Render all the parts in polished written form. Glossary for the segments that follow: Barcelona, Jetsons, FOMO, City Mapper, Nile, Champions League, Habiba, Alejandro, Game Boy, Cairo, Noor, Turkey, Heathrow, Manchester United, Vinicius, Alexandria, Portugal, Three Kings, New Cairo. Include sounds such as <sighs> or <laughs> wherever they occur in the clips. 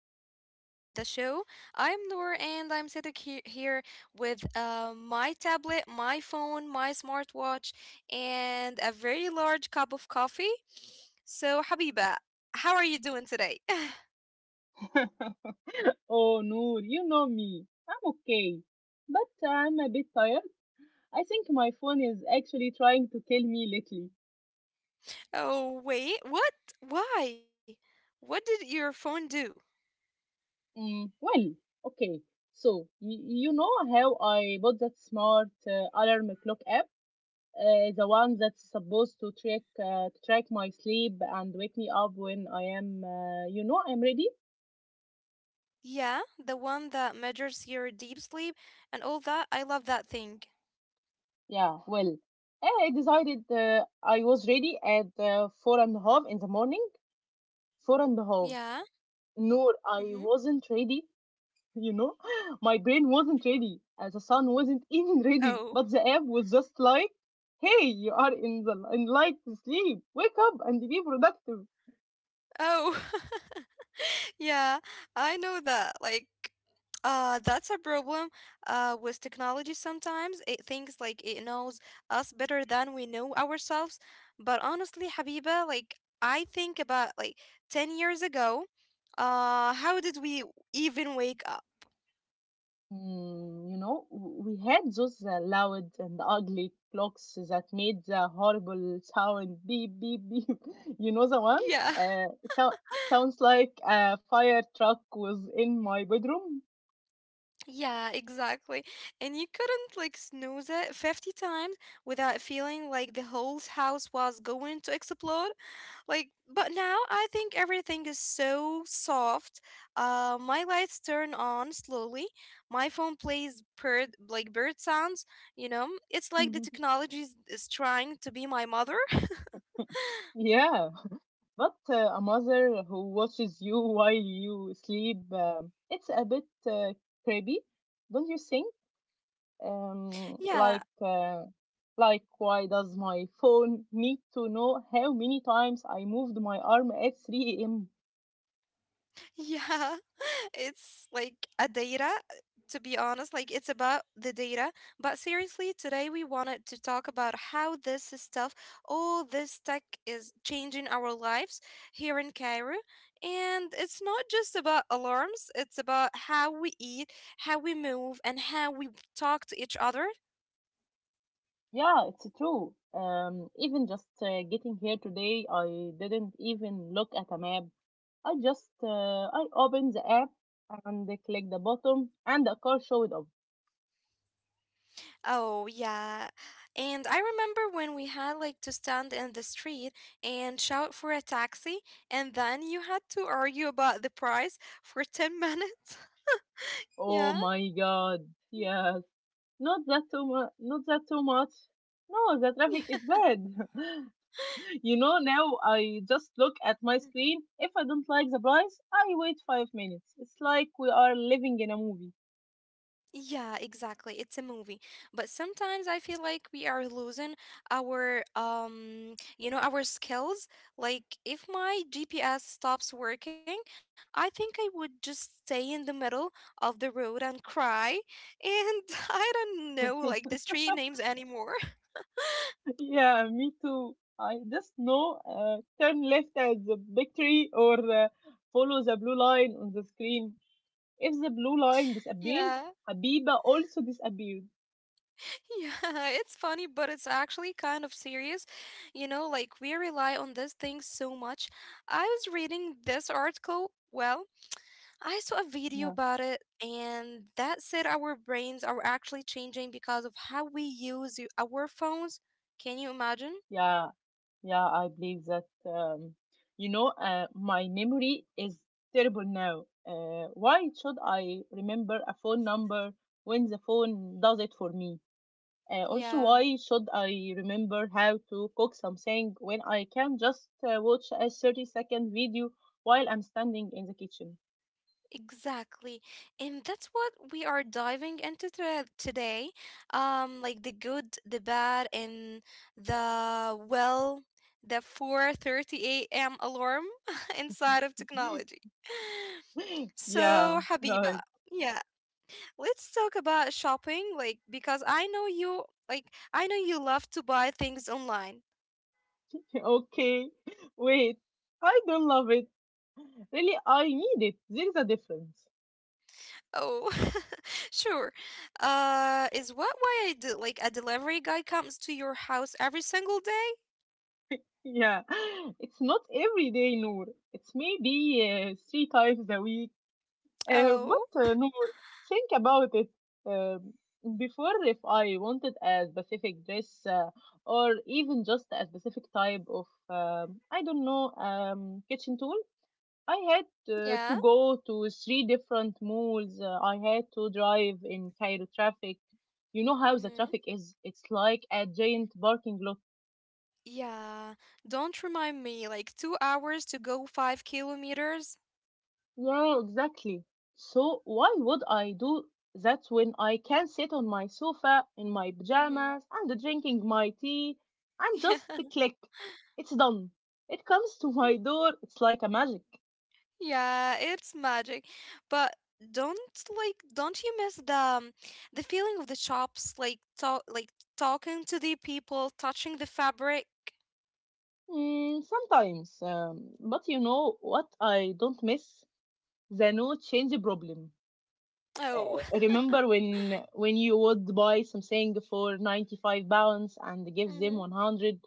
back to the show. I'm Noor and I'm sitting here with my tablet, my phone, my smartwatch, and a very large cup of coffee. So, Habiba, how are you doing today? Oh, Noor, you know me. I'm okay, but I'm a bit tired. I think my phone is actually trying to kill me lately. <laughs> Oh, wait, what? Why? What did your phone do? Well, okay. So, you know how I bought that smart alarm clock app? The one that's supposed to track to track my sleep and wake me up when I am, you know, I'm ready. Yeah, the one that measures your deep sleep and all that. I love that thing. Yeah, well, I decided I was ready at four and a half in the morning. Four and a half. Yeah. No, I Mm-hmm. wasn't ready, you know. <laughs> My brain wasn't ready as the sun wasn't <laughs> even ready, Oh. but the app was just like, hey, you are in the in light sleep, wake up and be productive. Oh. <laughs> Yeah, I know that. Like, that's a problem with technology sometimes. It thinks like it knows us better than we know ourselves. But honestly, Habiba, like, I think about like 10 years ago, how did we even wake up? Mm, you know, we had those loud and ugly clocks that made the horrible sound, beep beep beep. <laughs> You know the one, Yeah, uh, sounds like a fire truck was in my bedroom. <laughs> yeah, exactly. And you couldn't like snooze it 50 times without feeling like the whole house was going to explode. Like, but now I think everything is so soft. My lights turn on slowly. My phone plays bird sounds. You know, it's like the <laughs> technology is trying to be my mother. <laughs> Yeah. But a mother who watches you <laughs> while you sleep, it's a bit creepy, don't you think? Um, Yeah, like, uh, like, why does my phone need to know how many times I moved my arm at 3 a.m.? yeah, <laughs> it's like a data, to be honest, like it's about the data. But seriously, today we wanted to talk about how this stuff, all this tech is changing our lives here in Cairo. And it's not just about alarms, it's about how we eat, how we move, and how we talk to each other. Yeah, it's true. Even just getting here today, I didn't even look at a map. I just I opened the app and clicked the button, and the car showed up. Oh, yeah. And I remember when we had like to stand in the street and shout for a taxi, and then you had to argue about the price for 10 minutes. <laughs> Oh Yeah. my god! Yes. Not that too much. Not that too much. No, the traffic is Yeah. bad. <laughs> You know, now I just look at my screen. If I don't like the price, I wait 5 minutes. It's like we are living in a movie. Yeah, exactly. It's a movie. But sometimes I feel like we are losing our our skills. Like if my GPS stops working, I think I would just stay in the middle of the road and cry. And <laughs> I don't know like the street names anymore. <laughs> <laughs> Yeah, me too. I just know turn left at the big tree or follow the blue line on the screen. If the blue line disappears, Yeah. Habiba also disappears. Yeah, <laughs> it's funny, but it's actually kind of serious. You know, like we rely on this thing so much. I was reading this article, well, I saw a video Yeah, about it, and that said our brains are actually changing because of how we use our phones. Can you imagine? yeah. Yeah, I believe that. You know, my memory is terrible now. Why should I remember a phone number when the phone does it for me? Also, Yeah, why should I remember how to cook something when I can just watch a 30-second video while I'm standing in the kitchen? exactly. And that's what we are diving into today. Like the good, the bad, and the well, the 4:30 a.m. alarm <laughs> inside of technology. <laughs> <laughs> So, Yeah, Habiba, right. <laughs> yeah, let's talk about shopping like because I know you like I know you love to buy things online. Okay. Wait, I don't love it. Really, I need it. There is a difference. Oh, <laughs> sure, is what why I do, like a delivery guy comes to your house every single day. Yeah, <laughs> it's not every day, Noor. It's maybe three times a week. Oh, But Noor, think about it. Um, before, if I wanted a specific dress or even just a specific type of, I don't know, kitchen tool, I had yeah. to go to three different malls. I had to drive in Cairo traffic. You know how the Mm-hmm. traffic is. It's like a giant parking lot. Yeah, don't remind me, like 2 hours to go 5 kilometers. Yeah, exactly. So why would I do that when I can sit on my sofa in my Mm-hmm. pajamas and drinking my tea and just <laughs> click? It's done. It comes to my door. It's like a magic. Yeah, it's magic. But don't, like, don't you miss the feeling of the shops, like talking to the people, touching the fabric? Mm, sometimes, but you know what I don't miss? The no change problem. Oh. Uh, remember when you would buy something for 95 pounds and <laughs> give them Mhm. 100,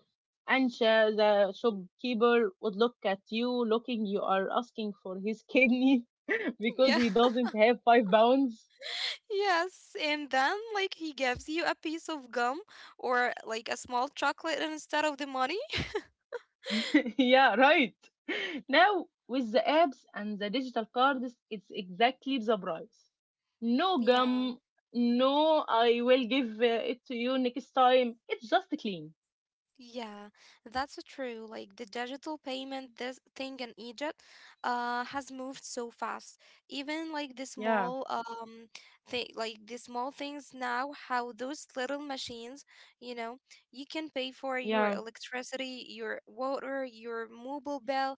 and the shopkeeper would look at you looking you are asking for his kidney <laughs> because Yeah. he <laughs> doesn't have 5 pounds. Yes, and then like he gives you a piece of gum or like a small chocolate instead of the money. <laughs> Yeah, right, now with the apps and the digital cards it's exactly the price, <laughs> no Yeah. gum, no I will give it to you next time, it's just clean. Yeah, that's true. Like the digital payment this thing in Egypt has moved so fast. Even like the yeah small thing like the small things now, how those little machines, you know, you can pay for your yeah electricity, your water, your mobile bill,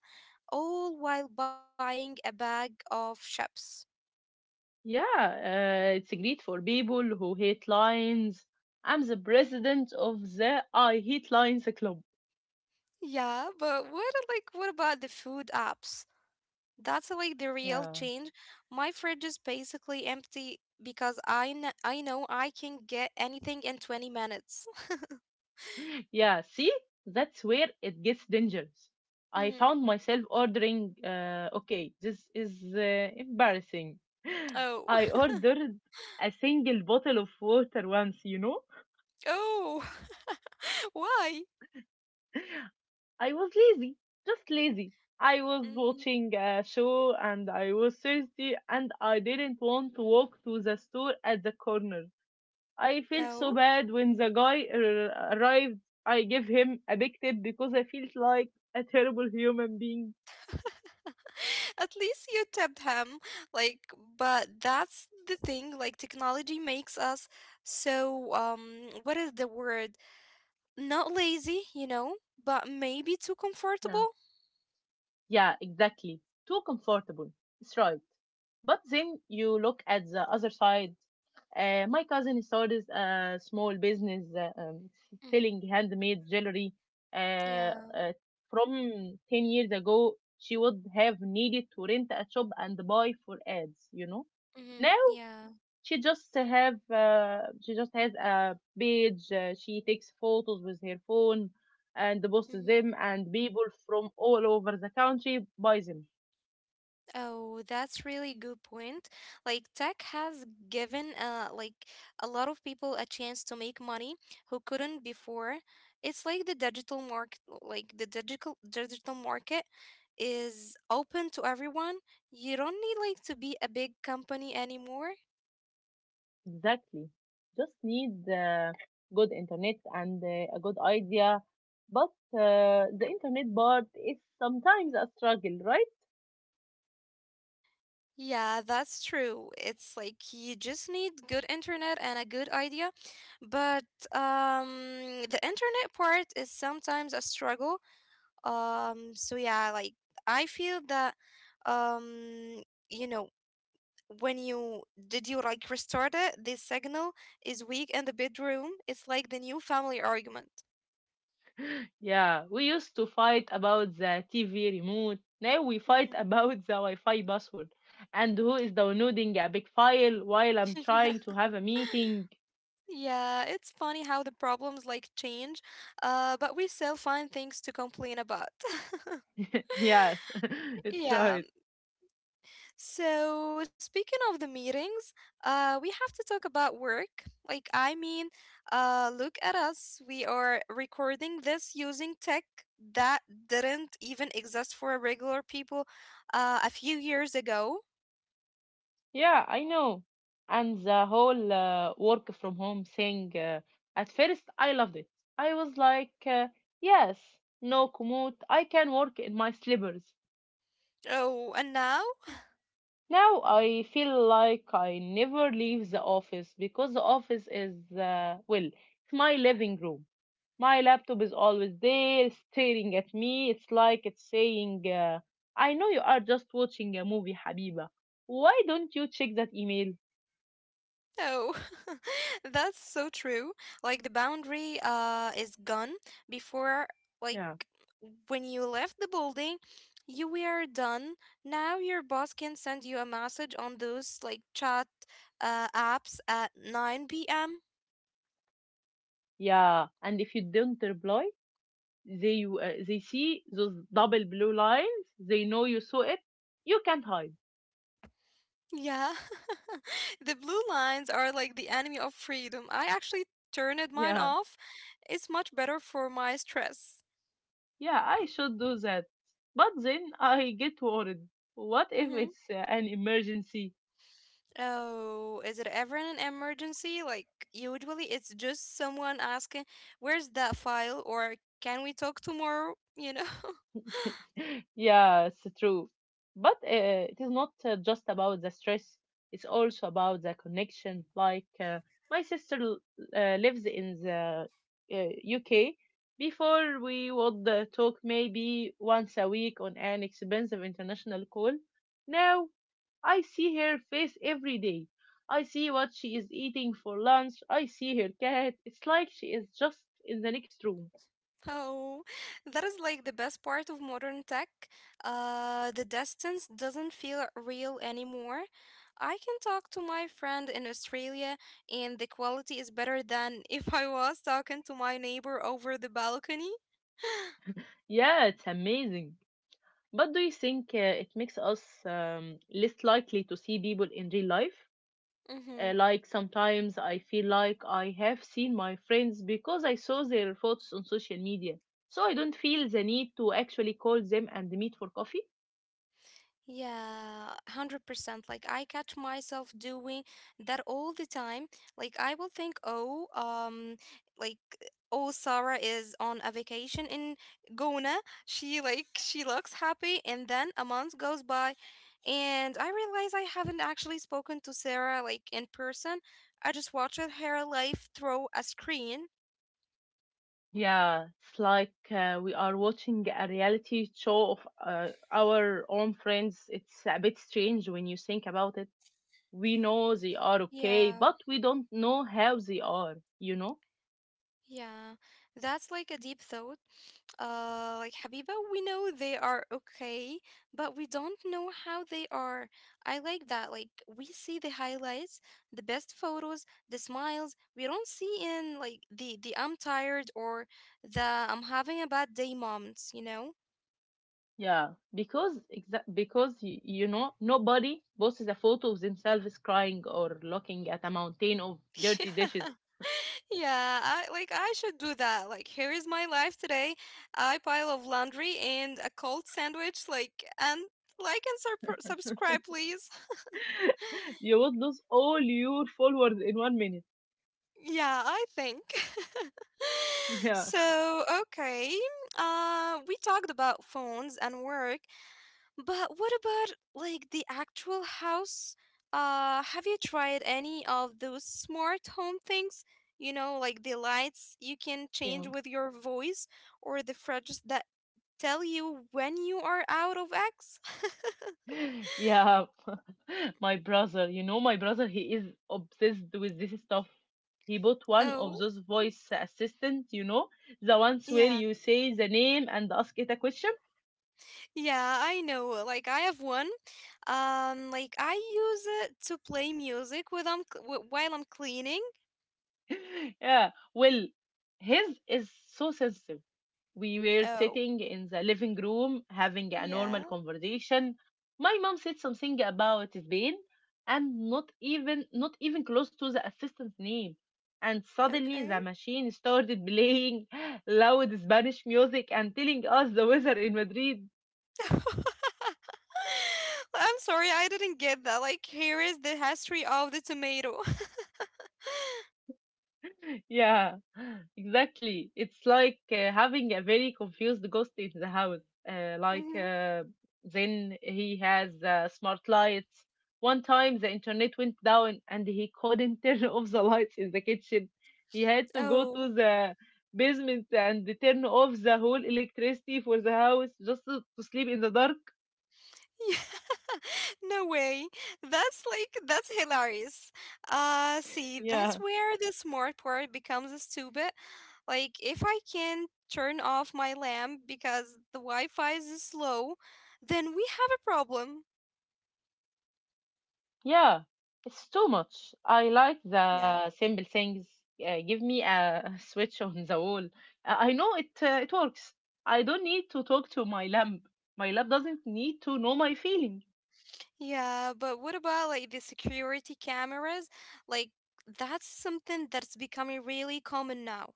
all while buying a bag of chips. Yeah, it's great for people who hate lions. I'm the president of the I Hate Lions Club. Yeah, but what, like what about the food apps? That's like the real Yeah. change. My fridge is basically empty because I know I can get anything in 20 minutes. <laughs> <laughs> Yeah, see? That's where it gets dangerous. I Mm. found myself ordering, okay, this is embarrassing. <gasps> <laughs> Oh. <laughs> I ordered a single bottle of water once, you know? Oh. <laughs> Why? I was lazy, just lazy. I was Mm. watching a show and I was thirsty and I didn't want to walk to the store at the corner. I felt so Oh. bad when the guy arrived. I gave him a big tip because I felt like a terrible human being. <laughs> At least you tipped him. Like, but that's the thing. Like, technology makes us so, what is the word? Not lazy, you know, but maybe too comfortable. Yeah, exactly. Too comfortable. It's right. But then you look at the other side. My cousin started a small business Mm-hmm. selling handmade jewelry. Uh, Yeah. uh, from 10 years ago, she would have needed to rent a shop and buy for ads, you know. Mm-hmm. Now Yeah. She just has a page, she takes photos with her phone and posts them and people from all over the country buy them. Oh, that's really good point. Like tech has given like a lot of people a chance to make money who couldn't before. It's like the digital market, like the digital market is open to everyone. You don't need like to be a big company anymore. Exactly, just need good internet and a good idea, but the internet part is sometimes a struggle, right? Yeah, that's true. It's like you just need good internet and a good idea. But um the internet part is sometimes a struggle. So yeah, like I feel that um, you know, when you did you like restart it, this signal is weak in the bedroom. It's like the new family argument. Yeah, we used to fight about the TV remote. Now we fight <laughs> Mhm. about the Wi-Fi password and who is downloading a big file while I'm <laughs> Yeah, trying to have a meeting. yeah, it's funny how the problems like change, but we still find things to complain about. <laughs> <laughs> Yes, <laughs> it's Yeah. right. So, speaking of the meetings, we have to talk about work. Like, I mean, look at us. We are recording this using tech that didn't even exist for regular people a few years ago. Yeah, I know. And the whole work from home thing, at first I loved it. I was like, yes, no commute. I can work in my slippers. Oh, and now? Now I feel like I never leave the office because the office is, well, it's my living room. My laptop is always there staring at me. It's like it's saying, I know you are just watching a movie, Habiba. Why don't you check that email? No, <laughs> that's so true. Like the boundary is gone before, like Yeah. when you left the building, you were done. Now your boss can send you a message on those like chat apps at 9 p.m. Yeah. And if you don't reply, they see those double blue lines. They know you saw it. You can't hide. Yeah. <laughs> The blue lines are like the enemy of freedom. I actually turned mine Yeah. off. It's much better for my stress. Yeah, I should do that. But then I get worried. What if Mm-hmm. it's an emergency? Oh, is it ever an emergency? Like, usually it's just someone asking, "Where's that file?" or "Can we talk tomorrow?" You know? <laughs> <laughs> Yeah, it's true. But it is not just about the stress, it's also about the connection. Like, uh, my sister lives in the uh, UK. Before, we would talk maybe once a week on an expensive international call. Now, I see her face every day. I see what she is eating for lunch. I see her cat. It's like she is just in the next room. Oh, that is like the best part of modern tech. The distance doesn't feel real anymore. I can talk to my friend in Australia, and the quality is better than <laughs> if I was talking to my neighbor over the balcony. <gasps> Yeah, it's amazing. But do you think it makes us, less likely to see people in real life? <laughs> Mhm. Like sometimes I feel like I have seen my friends because I saw their photos on social media. So I don't feel the need to actually call them and meet for coffee. Yeah, 100%. Like I catch myself doing that all the time. Like I will think, "Oh, like oh, Sarah is on a vacation in Gona. She looks happy." And then a month goes by and I realize I haven't actually spoken to Sarah like in person. I just watched her life through a screen. Yeah, it's like we are watching a reality show of our own friends. It's a bit strange when you think about it. We know they are okay, Yeah. but we don't know how they are, you know? Yeah, that's like a deep thought. Like Habiba, we know they are okay, but we don't know how they are. I like that. Like we see the highlights, the best photos, the smiles. We don't see in like the I'm tired or the I'm having a bad day moments, you know? Yeah, because you know, nobody posts a photo of themselves crying or looking at a mountain of dirty dishes. <laughs> Yeah, yeah. I like I should do that. Like here is my life today. I pile of laundry and a cold sandwich like and sur subscribe please. <laughs> You would lose all your followers in 1 minute. Yeah, I think. <laughs> Yeah. So, okay. We talked about phones and work, but what about like the actual house? Have you tried any of those smart home things? You know, like the lights you can change with your voice or the fridges that tell you when you are out of eggs? <laughs> <laughs> Yeah, <laughs> my brother, you know, my brother, he is obsessed with this stuff. He bought one Oh, of those voice assistants, you know, the ones where yeah. you say the name and ask it a question. Yeah, I know. Like I have one. Like I use it to play music with while I'm cleaning. <laughs> Yeah, well, his is so sensitive. We were Oh, sitting in the living room having a yeah. normal conversation. My mom said something about Spain and not even close to the assistant's name. And suddenly Okay. the machine started playing <laughs> loud Spanish music and telling us the weather in Madrid. <laughs> I'm sorry, I didn't get that. Like here is the history of the tomato. Yeah, <gasps> <laughs> exactly. It's like having a very confused ghost in the house. Uh, <laughs> like, Hmm. uh, then he has smart lights. One time the internet went down and he couldn't <laughs> turn off the lights in the kitchen. He had to go Oh. to the basement and turn off the whole electricity for the house just to sleep in the dark. <laughs> No way. That's like that's hilarious. See, that's Yeah. where the smart part becomes stupid. Like if I can turn off my lamp because the Wi-Fi is slow, then we have a problem. Yeah, it's too much. I like Yeah. the simple things. Give me a <laughs> switch on the wall. I know it. It works. I don't need to talk to my lamp. My lamp doesn't need to know my feeling. Yeah, but what about like the security cameras? Like that's something that's becoming really common now.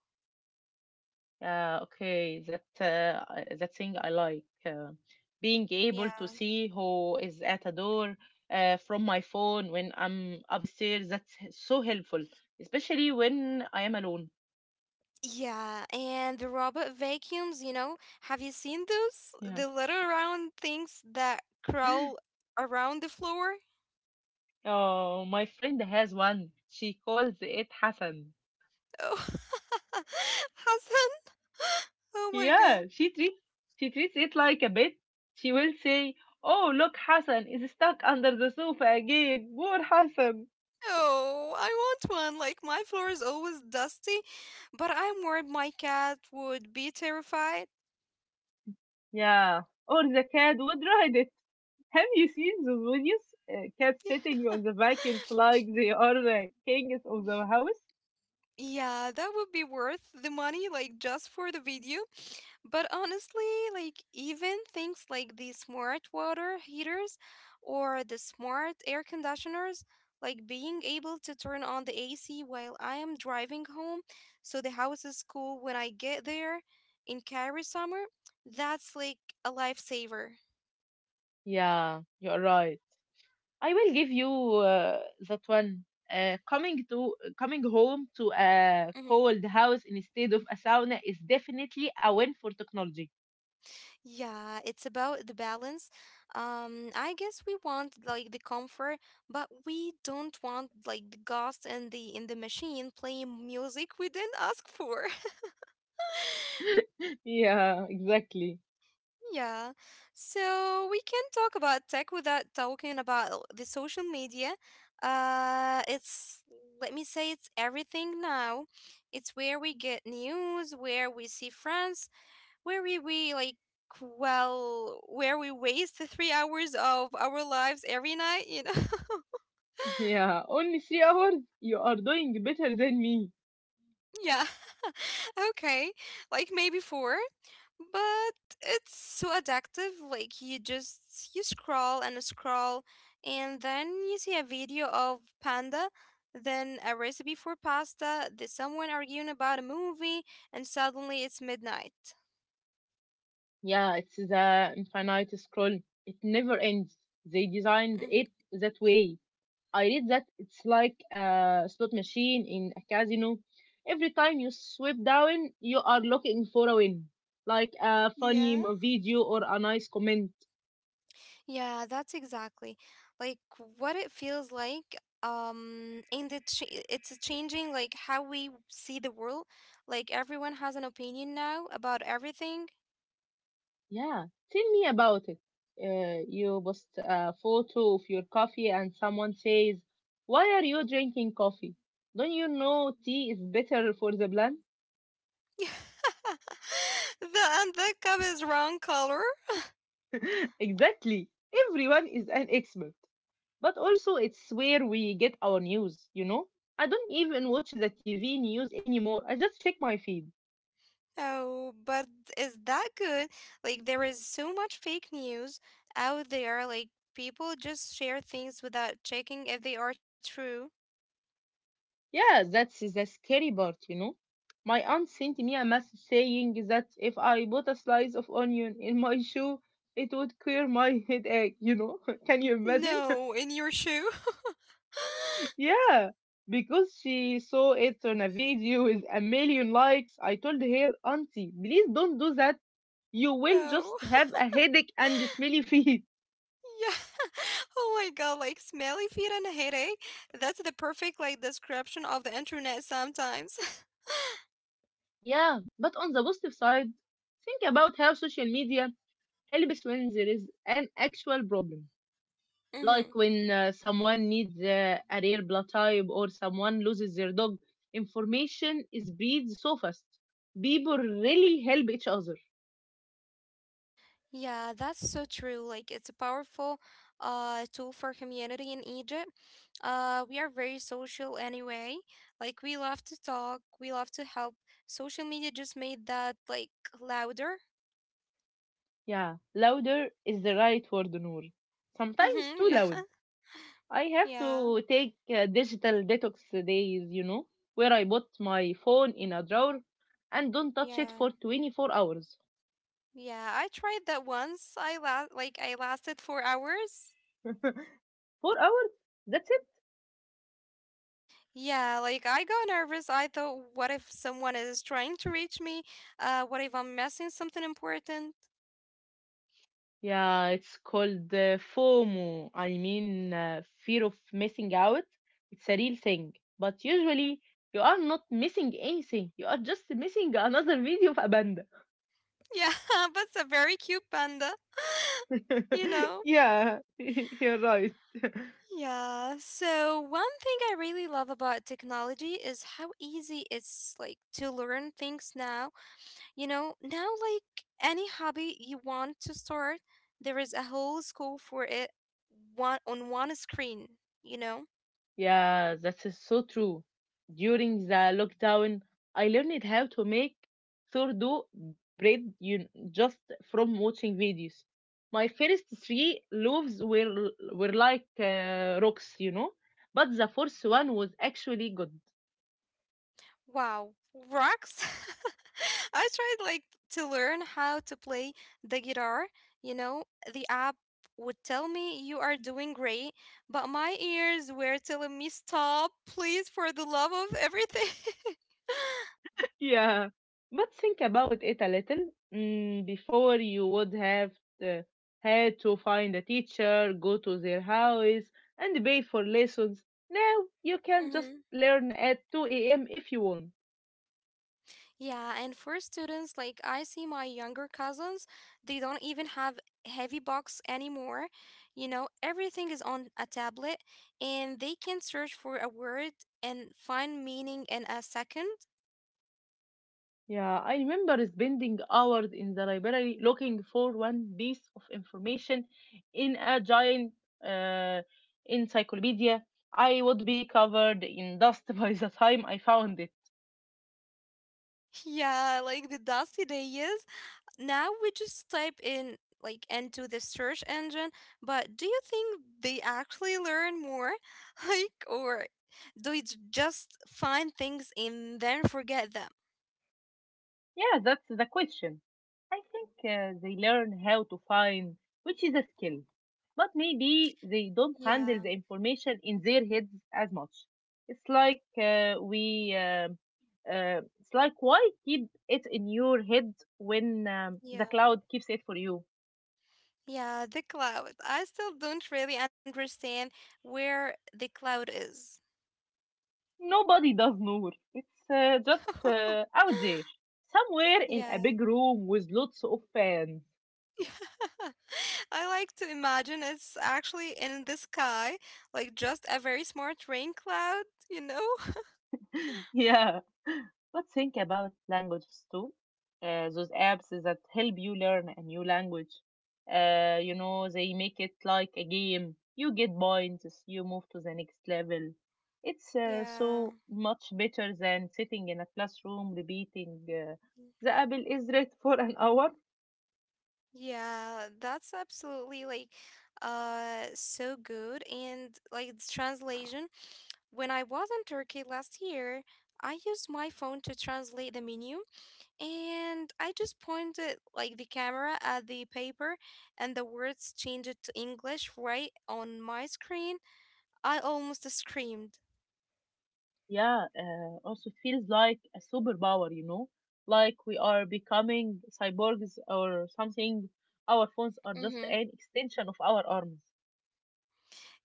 Okay, that that thing I like. Being able to Yeah. see who is at a door from my phone when I'm upstairs. That's so helpful, especially when I am alone. Yeah, and the robot vacuums, you know, have you seen those? Yeah. The little round things that crawl around the floor? Oh, my friend has one. She calls it Hassan. Oh, <laughs> Hassan. <laughs> Oh my God. Yeah, she treats it like a pet. She will say, "Oh, look, Hassan is stuck under the sofa again. Poor Hassan." Oh, I want one. Like my floor is always dusty, but I'm worried my cat would be terrified. Yeah, or the cat would ride it. Have you seen those videos? Cats sitting on the vacuums like they are the kings of the house. Yeah, that would be worth the money, like just for the video. But honestly, like even things like the smart water heaters or the smart air conditioners, like being able to turn on the AC while I am driving home so the house is cool when I get there in Cairo summer, that's like a lifesaver. Yeah, you're right. I will give you that one. Coming home to a Mhm. cold house instead of a sauna is definitely a win for technology. Yeah, it's about the balance. I guess we want like the comfort, but we don't want like the ghost and the in the machine playing music we didn't ask for. <laughs> Yeah, exactly. Yeah. So we can talk about tech without talking about the social media. It's, let me say, it's everything now. It's where we get news, where we see friends, where we like, well, where we waste the 3 hours of our lives every night, you know? <laughs> Yeah, only 3 hours. You are doing better than me. Yeah. Okay, like maybe four, but it's so addictive. Like you just you scroll and scroll, and then you see a video of panda, then a recipe for pasta, then someone arguing about a movie, and suddenly it's midnight. Yeah, it's the infinite scroll. It never ends. They designed it Hmm. that way. I read that it's like a slot machine in a casino. Every time you swipe down, you are looking for a win, like a funny Yeah, mo- video or a nice comment. yeah, that's exactly like what it feels like. And it's changing like how we see the world. Like everyone has an opinion now about everything. Yeah, tell me about it. You post a photo of your coffee and someone says, "Why are you drinking coffee? Don't you know tea is better for the blood?" <laughs> The and the cup is wrong color. <laughs> Exactly. Everyone is an expert, but also it's where we get our news, you know? I don't even watch the TV news anymore. I just check my feed. Oh, but is that good? Like there is so much fake news out there. Like people just share things without checking if they are true. Yeah, that's the scary part, you know? My aunt sent me a message saying that if I put a slice of onion in my shoe, it would cure my headache? <laughs> Can you imagine? No, in your shoe. <laughs> <laughs> Yeah, because she saw it on a video with a million likes. I told her, "Auntie, please don't do that. You will just Oh, have a headache and smelly <laughs> feet." yeah. <laughs> Oh my God, like smelly feet and a headache. That's the perfect like description of the internet sometimes. Yeah, but on the positive side, think about how social media helps when there is an actual problem. <laughs> Like Mhm. when someone needs a rare blood type or someone loses their dog, information is breathed so fast. People really help each other. Yeah, that's so true. Like it's a powerful tool for community in Egypt. We are very social anyway. Like we love to talk, we love to help. Social media just made that like louder. Yeah, louder is the right word, Noor. Sometimes Mhm. <laughs> too Yeah. loud. I have Yeah. to take digital detox days, you know, where I put my phone in a drawer and don't touch it Yeah. for 24 hours. Yeah, I tried that once. Like I lasted 4 hours. 4 hours? That's it? Yeah, like I got nervous. I thought, what if someone is trying to reach me? What if I'm missing something important? Yeah, it's called FOMO. Fear of missing out. It's a real thing. But usually, you are not missing anything. You are just missing <laughs> another video of a panda. Yeah, <laughs> that's a very cute panda. <laughs> You know? <laughs> Yeah, <laughs> you're right. Yeah. So one thing I really love about technology is how easy it's like to learn things now. You know, now like any hobby you want to start, there is a whole school for it one on one screen, you know? Yeah, that is so true. During the lockdown, I learned how to make sourdough bread you, just from watching videos. My first three loaves were like rocks, you know, but the fourth one was actually good. Wow, rocks! <laughs> I tried like to learn how to play the guitar. You know, the app would tell me you are doing great, but my ears were telling me stop, please, for the love of everything. <laughs> Yeah, but think about it a little. Before you would have to, had to find a teacher, go to their house, and pay for lessons. Now you Mhm. can just learn at 2 a.m. if you want. Yeah, and for students, like I see my younger cousins, they don't even have heavy books anymore. You know, everything is on a tablet and they can search for a word and find meaning in a second. Yeah, I remember spending hours in the library looking for one piece of information in a giant uh, encyclopedia. I would be covered in dust <laughs> by the time I found. Yeah, like the dusty days. Now we just type in like into the search engine, but do you think they actually learn more? <laughs> Like, or do it just find things and then forget them? Yeah, that's the question. I think they learn how to find, which is a skill. But maybe they don't handle Yeah, the information in their heads as much. It's like it's like, why keep it in your head when the yeah, cloud keeps it for you? yeah, the cloud. I still don't really understand where the cloud is. Nobody does, Noor. It's just <laughs> out there, somewhere in Yeah. a big room with lots of fans. Yeah. <laughs> I like to imagine it's actually in the sky, like just a very smart rain cloud, you know? <laughs> Yeah. <laughs> But think about languages too. Those apps that help you learn a new language. You know, they make it like a game. You get points, you move to the next level. It's Yeah. so much better than sitting in a classroom repeating the apple is red for an <laughs> hour. Yeah, that's absolutely like so good, and like the translation. When I was in Turkey last year, I used my phone to translate the menu and I just pointed like the camera at the paper, and the words changed to English right on my screen. I almost screamed. Yeah, also it feels like a superpower, you know, like we are becoming cyborgs or something. Our phones are just Mm-hmm. an extension of our arms.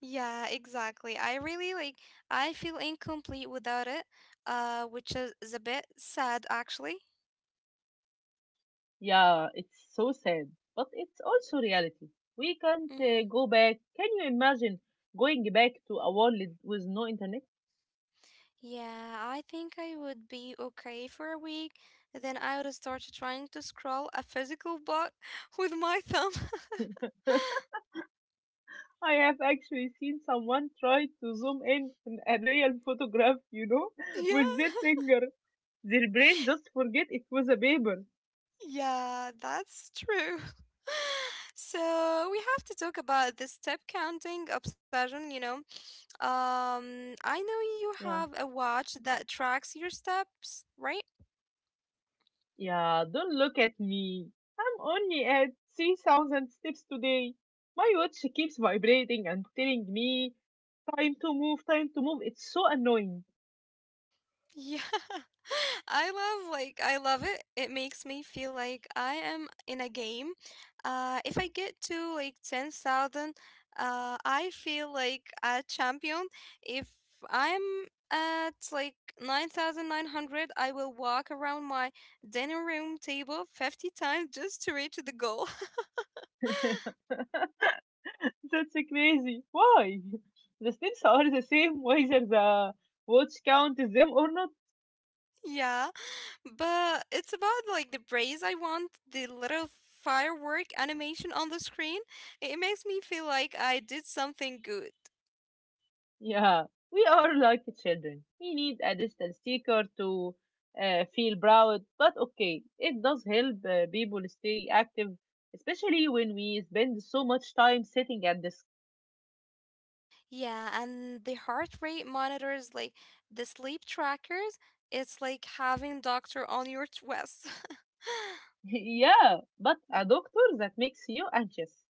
Yeah, exactly. I really like I feel incomplete without it, which is a bit sad actually. Yeah, it's so sad, but it's also reality. We can't Mm-hmm. Go back. Can you imagine going back to a world with no internet? Yeah, I think I would be okay for a week. Then I would start trying to scroll a physical book <laughs> with my thumb. <laughs> <laughs> I have actually seen someone try to zoom in on a real photograph, you know, <laughs> with their Yeah, finger. Their brain just forget it was a paper. <laughs> yeah, that's true. <laughs> So we have to talk about the step counting obsession, you know. I know you Yeah. have a watch that tracks your steps, right? Yeah, don't look at me. I'm only at 3,000 steps today. My watch keeps vibrating and telling me, "Time to move, time to move." It's so annoying. Yeah. <laughs> I love like I love it. It makes me feel like I am in a game. If I get to like 10,000, I feel like a champion. If I'm at like 9,900, I will walk around my dining room table 50 times just to reach the goal. <laughs> <laughs> That's so crazy. Why? The steps are the same whether the watch counts them or not. Yeah. But it's about like the praise I want, the little firework animation on the screen. It makes me feel like I did something good. Yeah, we are like children. We need a digital sticker to feel proud, but okay, it does help people stay active, especially when we spend so much time sitting at the. Yeah, and the heart rate monitors, like the sleep trackers, it's like having doctor on your chest. <laughs> <laughs> Yeah, but a doctor that makes you anxious.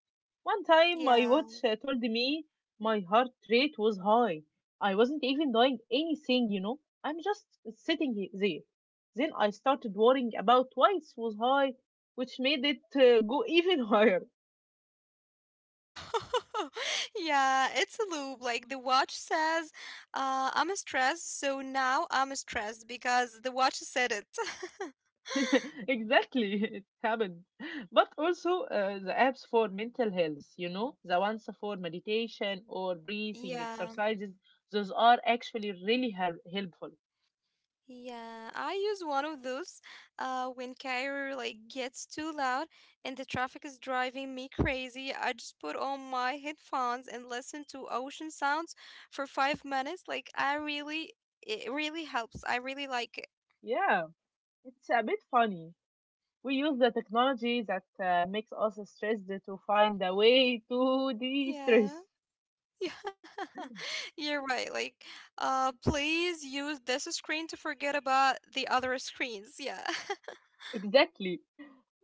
One time my Yeah. watch told me my heart rate was high. I wasn't even doing anything, you know. I'm just there. Then I started worrying about why it was high, which made it go even <laughs> higher. <laughs> Yeah, it's a loop. Like the watch says, I'm stressed, so now I'm stressed because the watch said it. <laughs> <laughs> Exactly, it happened. But also the apps for mental health, you know, the ones for meditation or breathing Yeah. exercises, those are actually really helpful. Yeah, I use one of those when Cairo like gets too loud and the traffic is driving me crazy. I just put on my headphones and listen to ocean sounds for 5 minutes. Like it really helps. I really like it. Yeah, it's a bit funny. We use the technology that makes us stressed to find a way to de-stress. <laughs> Yeah, <laughs> yeah, you're right. Like, please use this screen to forget about the other screens. Yeah. <laughs> Exactly.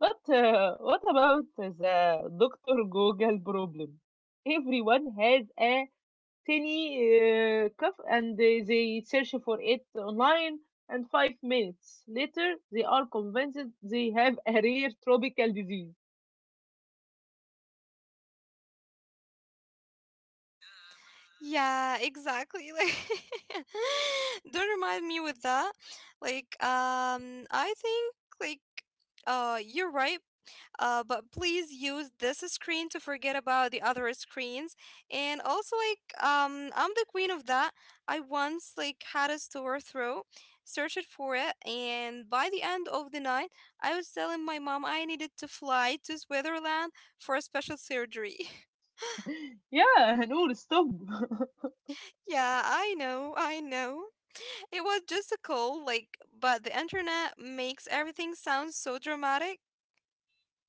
But what about the Dr. Google problem? Everyone has a tiny cough and they search for it online, and 5 minutes later, they are convinced they have a rare tropical disease. Yeah, exactly. Like, <laughs> don't remind me with that. Like, I think like, you're right. But please use this screen to forget about the other screens. And also, like, I'm the queen of that. I once like had a sore throat, searched for it, and by the end of the night, I was telling my mom I needed to fly to Switzerland for a special surgery. <laughs> <laughs> Yeah, Noor, stop. <laughs> Yeah, I know, I know. It was just a call, like, but the internet makes everything sound so dramatic.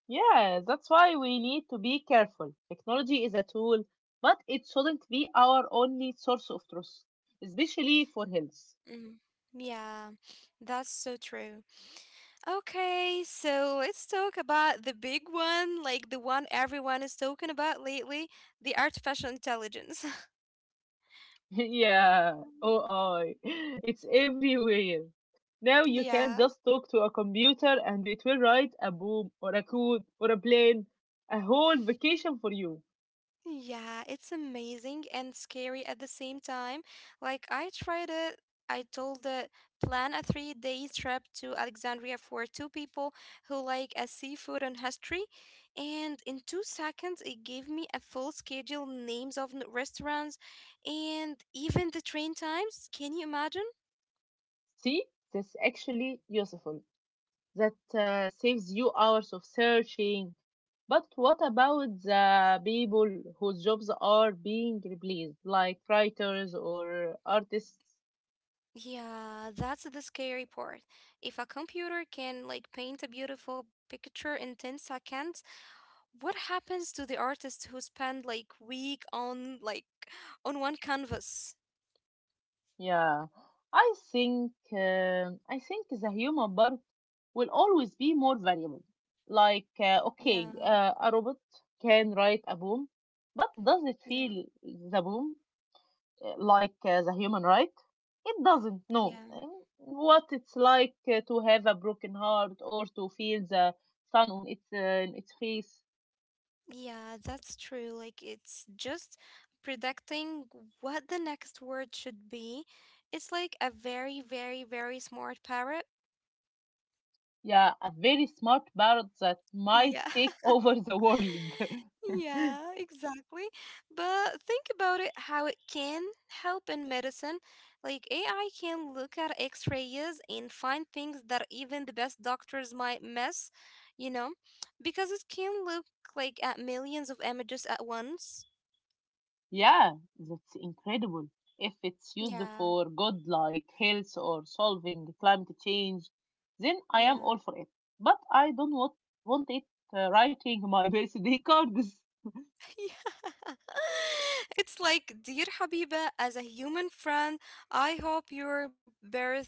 Yeah, that's why we need to be careful. Technology is a tool, but it shouldn't be our only source of truth, especially for health. Mm, yeah, that's so true. Okay, so let's talk about the big one, like the one everyone is talking about lately, the artificial intelligence. <laughs> <laughs> Yeah, Mm. oh, I. <laughs> It's everywhere. Now you can Yeah. just talk to a computer and it will write a boom or a code or a plane, a whole vacation for you. Yeah, it's amazing and scary at the same time. Like I tried it, I told it, plan a 3-day trip to Alexandria for two people who like a seafood and history, and in 2 seconds it gave me a full schedule, names of restaurants, and even the train times. Can you imagine? See, that's actually useful. That saves you hours of searching. But what about the people whose jobs are being replaced, like writers or artists? Yeah, that's the scary part. If a computer can like paint a beautiful picture in 10 seconds, what happens to the artists who spend like week on on one canvas? Yeah, I think the human part will always be more valuable. Like, okay, Yeah, a robot can write a poem, but does it yeah, feel the poem? Like, as a human, right? It doesn't know yeah. what it's like to have a broken heart or to feel the sun on its face. Yeah, that's true. Like it's just predicting what the next word should be. It's like a very, very, very smart parrot. Yeah, a very smart parrot that might Yeah. take <laughs> over the world. <laughs> Yeah, exactly. But think about it, how it can help in medicine. Like AI can look at x-rays and find things that even the best doctors might miss, you know, because it can look like at millions of images at once. Yeah, that's incredible. If it's used Yeah. for good, like health or solving climate change, then I am Yeah. <laughs> all for it. But I don't want it writing my <laughs> birthday cards. Yeah. <laughs> It's like, dear Habiba, as a human friend, I hope your birth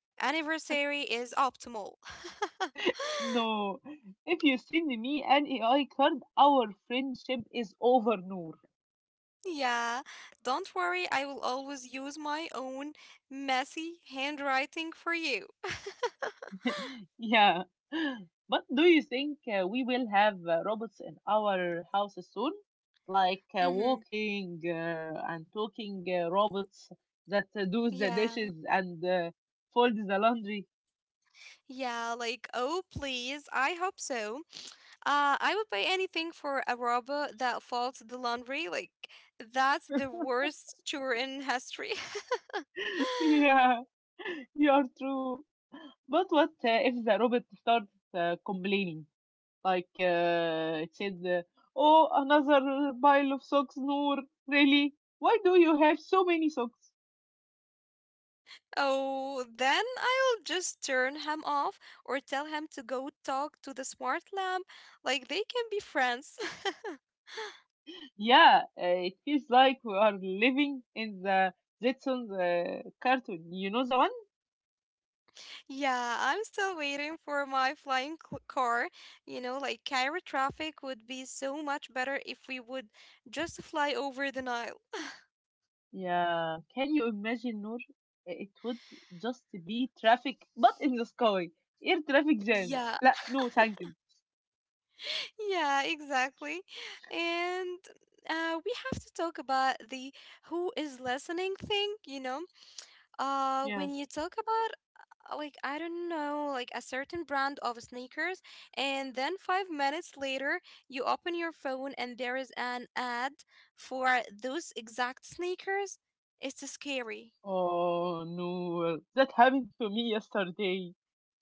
anniversary is optimal. <laughs> No, if you send me an AI card, our friendship is over, Noor. Yeah, don't worry, I will always use my own messy handwriting for you. <laughs> Yeah. But do you think we will have robots in our houses soon? Like Mm-hmm. walking and talking robots that do the Yeah, dishes and fold the laundry? yeah, like, oh, please, I hope so. I would pay anything for a robot that folds the laundry. Like, that's the worst chore in history. <laughs> <laughs> Yeah, you're true. But what if the robot starts complaining? Like it said, "Oh, another pile of socks, Noor. Really? Why do you have so many socks?" Oh, then I'll just turn him off or tell him to go talk to the smart lamp. Like, they can be friends. <laughs> Yeah, it feels like we are living in the Jetsons cartoon. You know the one? Yeah, I'm still waiting for my flying c car. You know, like Cairo traffic would be so much better if we would just fly over the Nile. Yeah. Can you imagine, Noor? It would just be traffic, but in the sky. Air traffic jams. Yeah, لا, no, thank you. yeah, exactly. And we have to talk about the who is listening thing, you know. Yeah. When you talk about like I don't know, like a certain brand of sneakers, and then 5 minutes later you open your phone and there is an ad for those exact sneakers. It's scary. Oh no, that happened to me yesterday.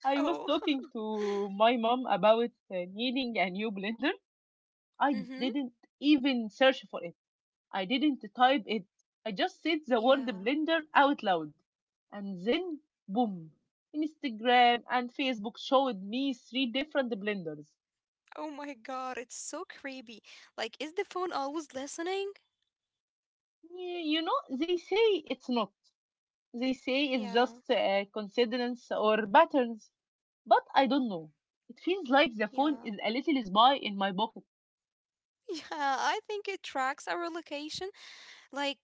I was Oh. talking to my mom about needing a new blender. <laughs> I Mhm. didn't even search for it. I didn't type it. I just said the word Yeah. blender out loud. And then, boom, Instagram and Facebook showed me three different blenders. Oh my God, it's so creepy. Like, is the phone always listening? You know, they say it's not. They say Yeah. it's just coincidence or patterns. But I don't know. It feels like the Yeah. phone <laughs> is a little spy in my pocket. Yeah, I think it tracks our location, like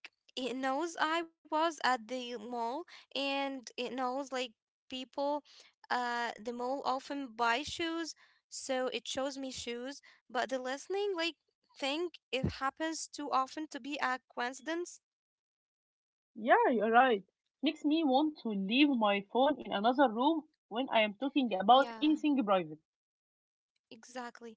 it knows I was at the mall, and it knows like people the mall often buy shoes, so it shows me shoes. But the listening like thing, it happens too often to be a coincidence. Yeah, you're right. Makes me want to leave my phone in another room when I am talking Yeah. about anything private. Exactly.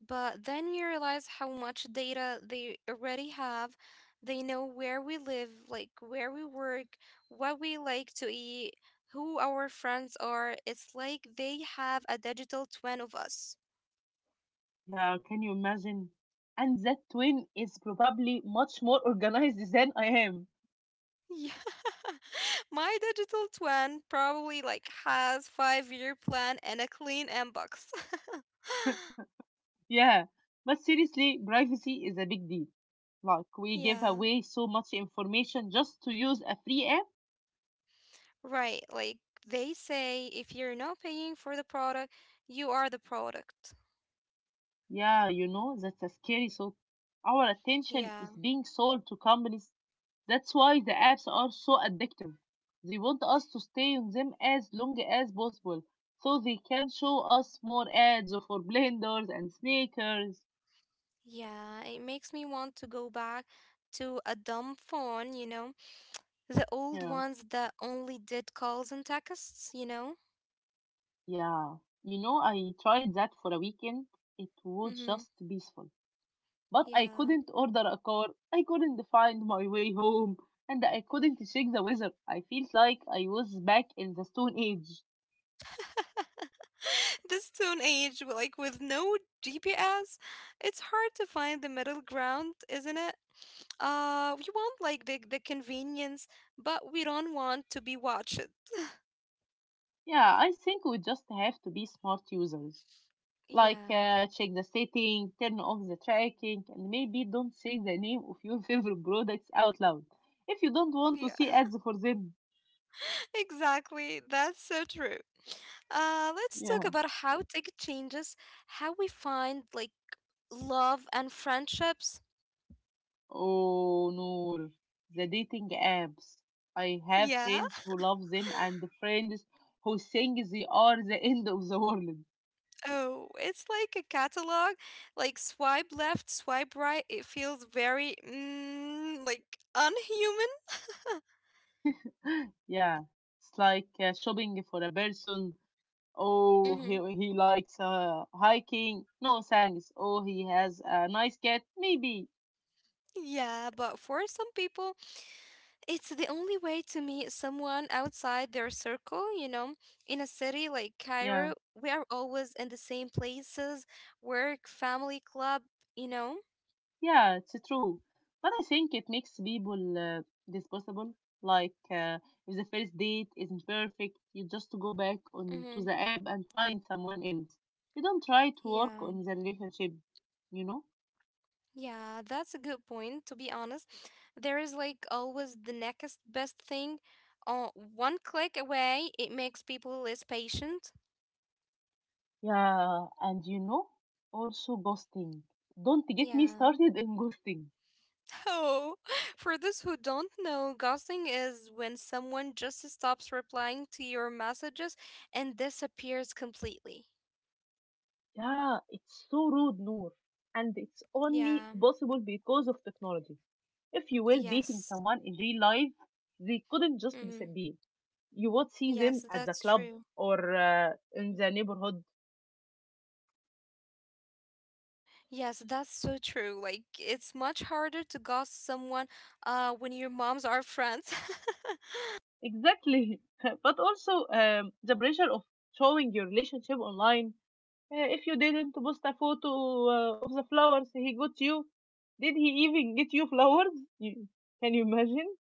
But then we realize how much data they already have. They know where we live, like where we work, what we like to eat, who our friends are. It's like they have a digital twin of us. Yeah, can you imagine? And that twin is probably much more organized <laughs> than I am. Yeah. <laughs> My digital twin probably like has five-year plan and a clean inbox. <laughs> Yeah, but seriously, privacy is a big deal. Like, we give Yeah. away so much information just to use a free app. Right. Like they say, if you're not paying for the product, you are the product. Yeah, you know, that's a scary thought. Our attention is Yeah, being sold to companies. That's why the apps are so addictive. They want us to stay on them as long as possible so they can show us more ads for blenders and sneakers. yeah, it makes me want to go back to a dumb phone, you know, the old Yeah, ones that only did calls and texts, you know? yeah. You know, I tried that for a weekend. It was Mm-hmm. just peaceful. But I Yeah. couldn't order a car, I couldn't find my way home, and I couldn't check the weather. I felt like I was back in the Stone Age. <laughs> This stone age, like with no GPS, it's hard to find the middle ground, isn't it? We want like the convenience, but we don't want to be watched. Yeah, I think we just have to be smart users. Like, Yeah. Check the setting, turn off the tracking, and maybe don't say the name of your <laughs> favorite products out loud if you don't want to see ads for them. Exactly. That's so true. Let's talk Yeah. about how tech changes how we find like love and friendships. Oh, Noor, the dating apps. I have Yeah. friends who love them and friends who think they are the <laughs> end of the world. Oh, it's like a catalog. Like swipe left, swipe right. It feels very like unhuman. <gasps> <laughs> Yeah, it's like shopping for a person. Oh, Mm-hmm. He likes hiking. No thanks. Oh, he has a nice cat. Maybe. Yeah, but for some people, it's the only way to meet someone outside their circle, you know. In a city like Cairo, Yeah. we are always in the same places, work, family, club, you know. Yeah, it's true. But I think it makes people disposable. Like, if the first date isn't perfect, you just go back on to Hmm. the app and find someone else. You don't try to work Yeah, on the relationship, you know? yeah, that's a good point, to be honest. There is like always the next best thing uh, one click away, it makes people less patient. Yeah, and you know, also ghosting. Don't get me Yeah. started <laughs> in ghosting. Oh, <laughs> for those who don't know, ghosting is when someone just stops replying to your messages and disappears completely. Yeah, it's so rude, Noor. And it's only Yeah, possible because of technology. If you were dating yes. someone in real life, they couldn't just Mm, disappear, you would see yes, them at the that's club true. or in the neighborhood. Yes, that's so true. Like, it's much harder to ghost someone when your moms are friends. <laughs> Exactly. <laughs> But also the pressure of showing your relationship online. If you didn't post a photo of the flowers he got you, did he even get you flowers? You, can you imagine?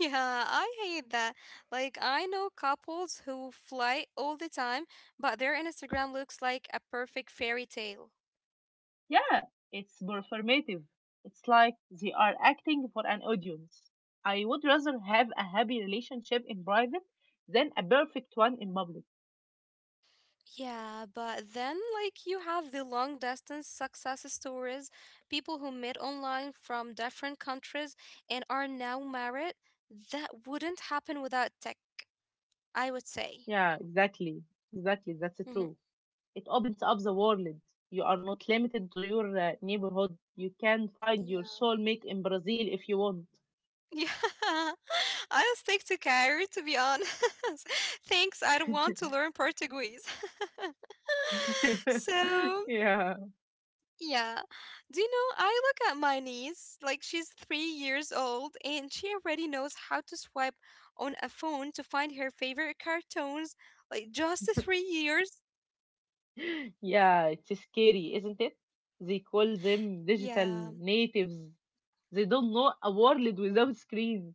Yeah, I hate that. Like, I know couples who fly all the time, but their Instagram looks like a perfect fairy tale. Yeah, it's performative. It's like they are acting for an audience. I would rather have a happy relationship in private than a perfect one in public. Yeah, but then like you have the long distance success stories, people who met online from different countries and are now married. That wouldn't happen without tech, I would say. Yeah, exactly. Exactly. That's Hmm. true. It opens up the world. You are not limited to your neighborhood. You can find your Yeah. soulmate in Brazil if you want. Yeah. <laughs> I'll stick to Cairo to be honest. <laughs> Thanks, I don't want to learn Portuguese. <laughs> <laughs> So, yeah. yeah. Do you know, I look at my niece, like she's 3 years old and she already knows how to swipe on a phone to find her favorite cartoons, like just 3 years. Yeah, it's scary, isn't it? They call them digital Yeah. natives. They don't know a world without screens.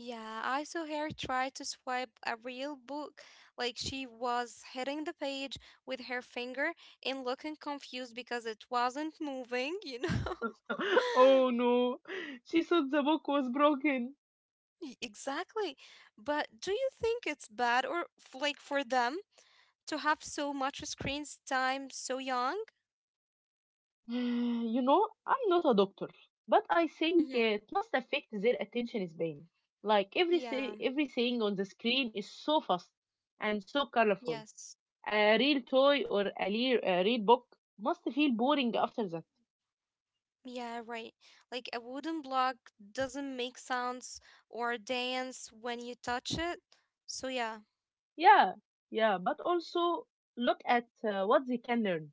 Yeah, I saw her try to swipe a real book, like she was hitting the page with her finger and looking confused because it wasn't moving. <laughs> <laughs> Oh no, she thought the book was broken. Exactly. But do you think it's bad or like for them to have so much screens time so young? <sighs> You know, I'm not a doctor, but I think Hmm. it must affect their attention span. Like Yeah, everything on the screen is so fast and so colorful. yes. A real toy or a, a real book must feel boring after that. Yeah, right. Like a wooden block doesn't make sounds or dance when you touch it. So, yeah. Yeah, yeah, but also look at what they can learn.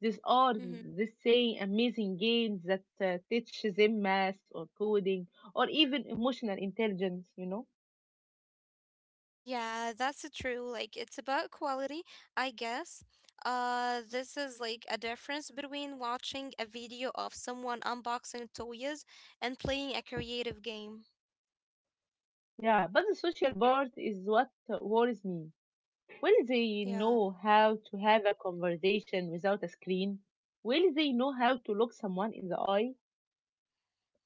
These are Hmm. the same amazing games that teach them math or coding or even emotional intelligence, you know? Yeah, that's true. Like it's about quality, I guess. This is like a difference between watching a video of someone unboxing toys and playing a creative game. Yeah, but the social part is what worries me. Will they Yeah. know how to have a conversation without a screen? Will they know how to look someone in the eye?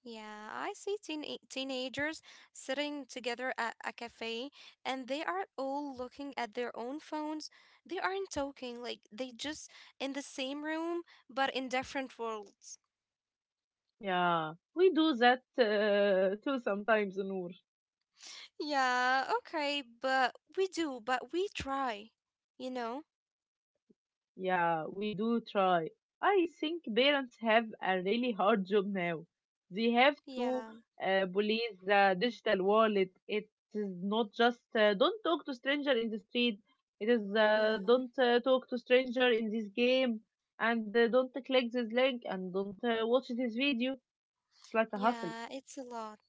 Yeah, I see teenagers sitting together at a cafe and they are all looking at their own phones. They aren't talking, like they just in the same room but in different worlds. Yeah, we do that too sometimes, Noor. Yeah, okay, but we do, but we try, you know? Yeah, we do try. I think parents have a really hard job now. They have to Yeah, police the digital wallet. It is not just don't talk to stranger in the street. It is yeah. don't talk to stranger in this game, and don't click this link, and don't watch this video. It's like a hustle. Yeah, it's a lot.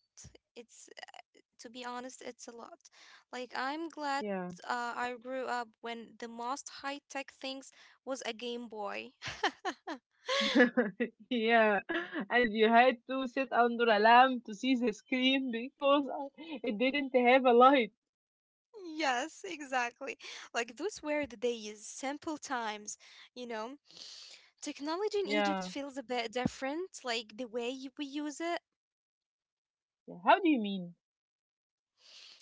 It's, to be honest, it's a lot. Like, I'm glad Yeah. I grew up when the most high-tech things was a Game Boy. <laughs> <laughs> Yeah, and you had to sit under a lamp to see the screen because it didn't have a light. Yes, exactly. Like, those were the days, simple times, you know. Technology in Egypt Yeah. feels a bit different, like the way we use it. Yeah, how do you mean?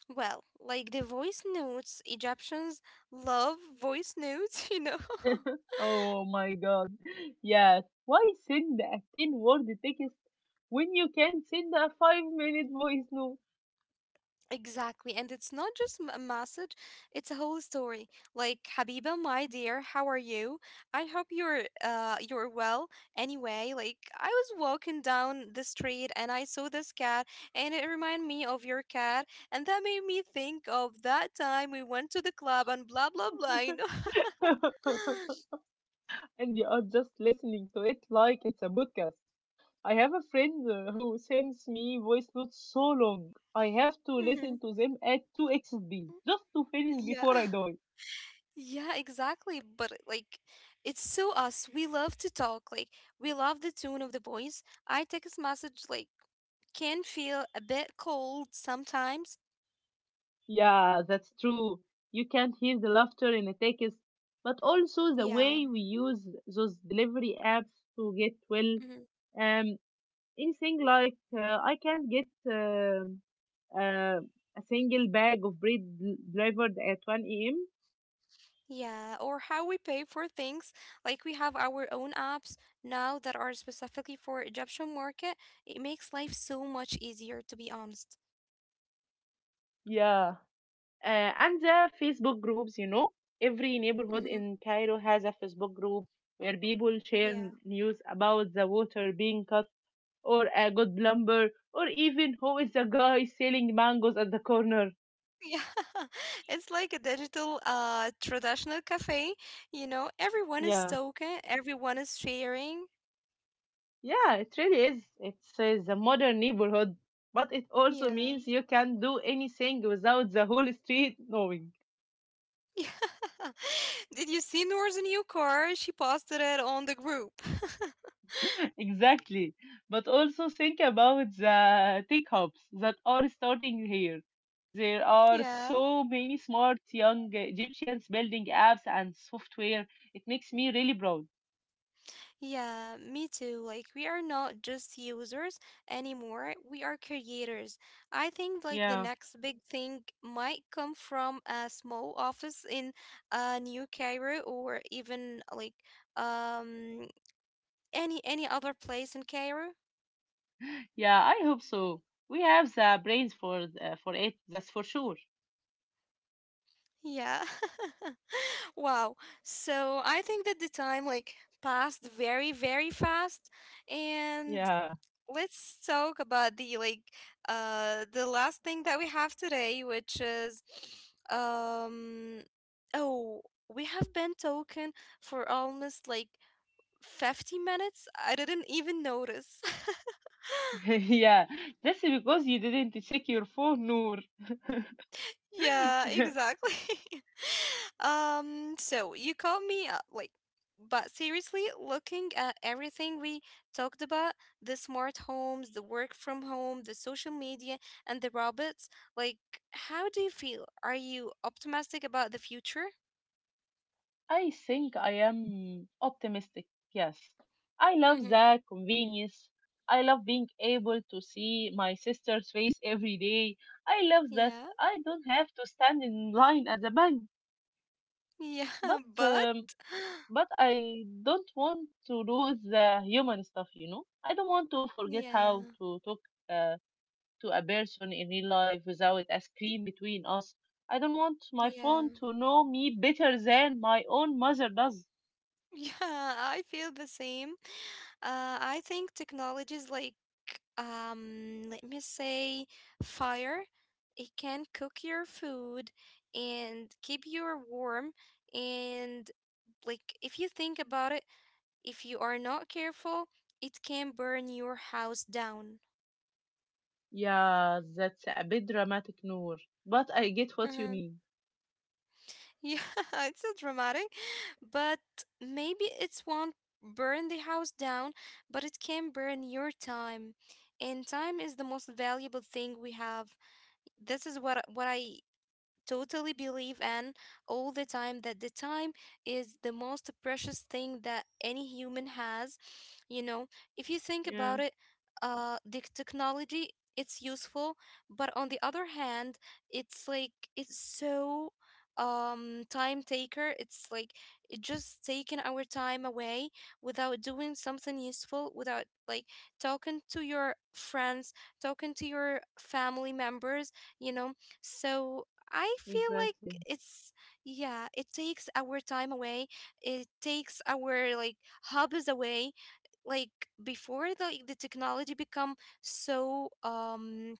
Well, like the voice notes, Egyptians love voice notes, <laughs> . <laughs> Oh my god. Yes. Why send a 10 word text when you can send a 5-minute voice note? Exactly. And it's not just a message, it's a whole story. Like, Habiba, my dear, how are you? I hope you're well. Anyway, like I was walking down the street and I saw this cat and it reminded me of your cat and that made me think of that time we went to the club and blah blah blah. <laughs> <laughs> And you are just listening to it like it's a podcast. I have a friend who sends me voice notes so long. I have to Hmm. listen to them at 2 x speed just to finish Yeah. before I die. Yeah, exactly. But like it's so us. We love to talk. Like we love the tone of the voice. I text message like can feel a bit cold sometimes. Yeah, that's true. You can hear the laughter in the text, but also the Yeah. way we use those delivery apps to get well. Mhm. Um, anything like I can't get uh, a single bag of bread delivered at 1 a.m. Yeah, or how we pay for things. Like we have our own apps now that are specifically for Egyptian market. It makes life so much easier, to be honest. Yeah, and the Facebook groups, you know, every neighborhood Mm-hmm. in Cairo has a Facebook group where people share Yeah. <laughs> news about the water being cut or a good lumber, or even who is the guy selling mangoes at the corner. Yeah. It's like a digital traditional cafe, everyone is Yeah, talking, everyone is sharing. yeah, it really is. It's the modern neighborhood, but it also Yeah. means <laughs> you can do anything without the whole street knowing. Yeah. Did you see Noor's new car? She posted it on the group. <laughs> Exactly. But also think about the tech hubs that are starting here. There <laughs> are Yeah. so many smart young Egyptians building apps and software. It makes me really proud. Yeah, me too. Like, we are not just users anymore. We are creators. I think, like, the Yeah. next big thing might come from a small office in New Cairo or even, like, um, any other place in Cairo. Yeah, I hope so. We have the brains for it, that's for sure. Yeah. <laughs> Wow. So I think that the time, like, passed very, very fast. And Yeah. let's talk about the like the last thing that we have today which is um oh we have been talking for almost like 50 minutes. I didn't even notice. <laughs> <laughs> Yeah, that's because you didn't check your phone, Noor. <laughs> Yeah, Yeah. exactly. <laughs> So you caught me up, like, but seriously, looking at everything we talked about, the smart homes, the work from home, the social media, and the robots, like, how do you feel? Are you optimistic about the future? I think I am optimistic. Yes. I love Mm-hmm. the convenience. I love being able to see my sister's face every day. I love that Yeah, I don't have to stand in line at the bank. yeah, <laughs> But but um, <gasps> but I don't want to lose the human stuff, you know. I don't want to forget how yeah, to talk uh, to a person in real life without a screen between us. I don't want my yeah. phone <laughs> to know me better than my own mother does. Yeah, I feel the same. I think technologies like, let me say fire, it can cook your food and keep you warm. And like if you think about it, if you are not careful, it can burn your house down. Yeah, that's a bit dramatic, Noor. But I get what you Uh-huh. mean. Yeah, <laughs> it's so dramatic, but maybe it won't burn the house down, but it can burn your time. And time is the most valuable thing we have. This is what I totally believe, and all the time that the time is the most precious thing that any human has. You know, if you think about Yeah, it, the technology, it's useful, but on the other hand, it's like it's so time taker. It's like it just taking our time away without doing something useful, without like talking to your friends, talking to your family members, you know. So I feel like exactly. it's, yeah, it takes our time away. It takes our like hobbies away. Like before the technology become so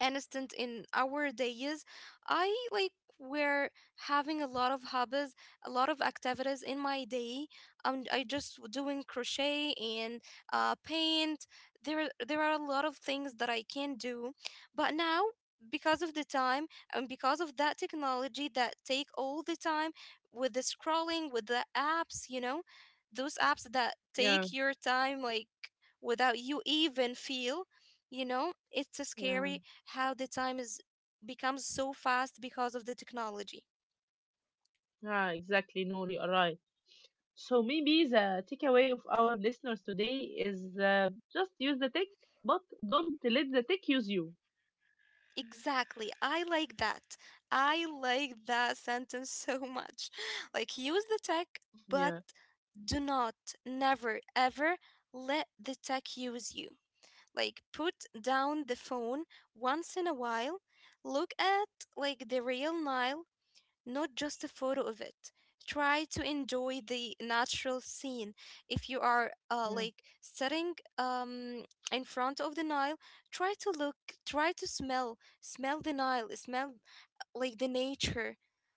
instant in our days, I like were having a lot of hobbies, a lot of activities in my day. I just doing crochet and paint. There there are a lot of things that I can do, but now because of the time and because of that technology that take all the time, with the scrolling, with the apps, you know, those apps that Yeah, take your time like without you even feel, you know. It's a yeah, scary how the time is becomes so fast because of the technology. yeah, exactly, Noor. You are right. So maybe the takeaway of our listeners today is just use the tech, but don't let the tech use you. Exactly. I like that. I like that sentence so much. <laughs> Like use the tech, but Yeah, do not, never ever let the tech use you. Like put down the phone once in a while, look at like the real Nile, not just a photo of it. Try to enjoy the natural scene. If you are yeah, like sitting, in front of the Nile, try to look, try to smell, smell the Nile, smell like the nature.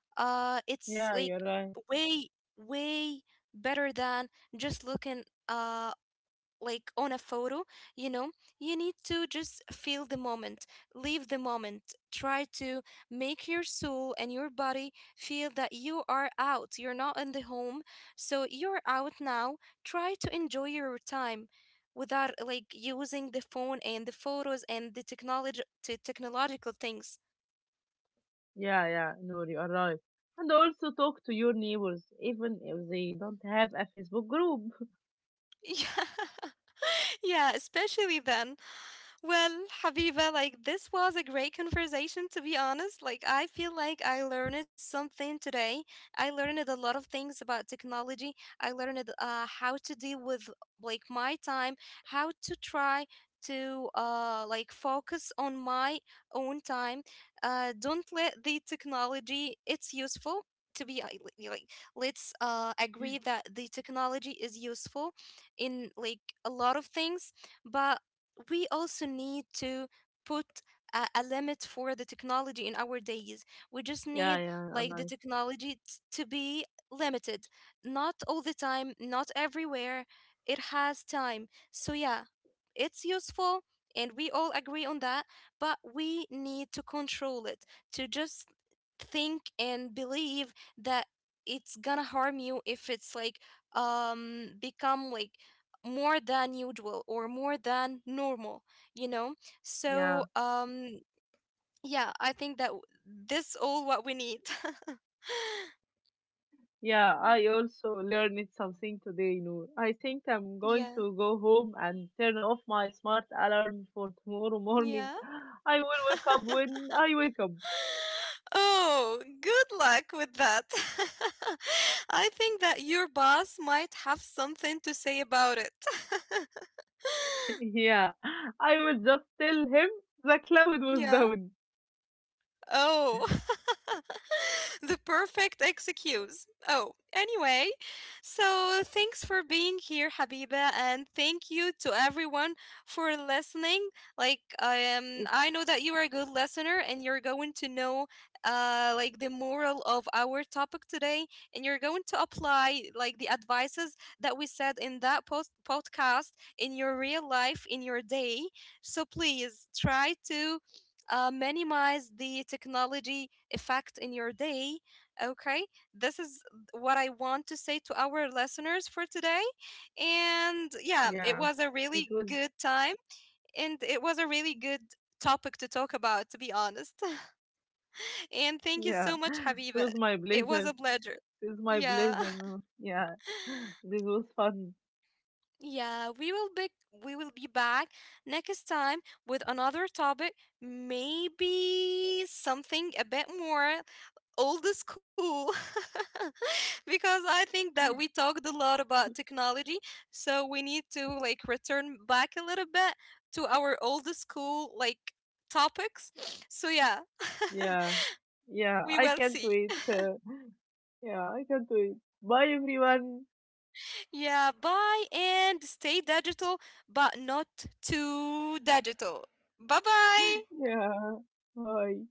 It's yeah. like You're right. way, way better than just looking like on a photo. You know, you need to just feel the moment, live the moment, try to make your soul and your body feel that you are out, you're not in the home. So you're out now, try to enjoy your time without like using the phone and the photos and the technology technological things. Yeah, yeah. No, you are right. And also talk to your neighbors, even if they don't have a Facebook group. <laughs> <laughs> Yeah, yeah, especially then. Well, Habiba, like this was a great conversation, to be honest. Like I feel like I learned something today. I learned a lot of things about technology. I learned how to deal with like my time, how to try to like focus on my own time. Uh, don't let the technology, it's useful to be like, let's agree that the technology is useful in like a lot of things, but we also need to put a limit for the technology in our days. We just Yeah, need yeah, you're like the right. technology to be limited, not all the time, not everywhere. It has time. So, yeah, it's useful and we all agree on that, but we need to control it, to just think and believe that it's gonna harm you if it's like become like more than usual or more than normal, you know. Yeah, So yeah, I think that this all what we need. yeah. I <laughs> also learned something today, Noor. I think I'm going Yeah, to go home and turn off my smart alarm for tomorrow morning. yeah. <gasps> <laughs> I will wake up <laughs> when I wake up. Oh, good luck with that. <laughs> I think that your boss might have something to say about it. <laughs> Yeah, I would just tell him the cloud was Yeah. down. Oh, <laughs> the perfect excuse. Oh, anyway, so thanks for being here, Habiba, and thank you to everyone for listening. Like, It, I know that you are a good listener, and you're going to know, like the moral of our topic today, and you're going to apply like the advices that we said in that post podcast in your real life, in your day. So please try to minimize the technology effect in your day. Okay, this is what I want to say to our listeners for today. And yeah, it yeah, was a it really was, good time, and it was a really good topic to talk about, to be honest. <laughs> And thank you yeah, so much, it Habiba. was my It was a pleasure. pleasure. It was my Yeah. pleasure. <laughs> No, yeah, this was fun. Yeah, we will be back next time with another topic, maybe something a bit more old school. <laughs> Because I think that we talked a lot about technology, so we need to like return back a little bit to our old school like topics. So yeah, Yeah, <laughs> yeah, we I will can't see. wait. Yeah, I can't wait. Bye, everyone. Yeah, bye and stay digital, but not too digital. Bye bye. <laughs> Yeah, bye.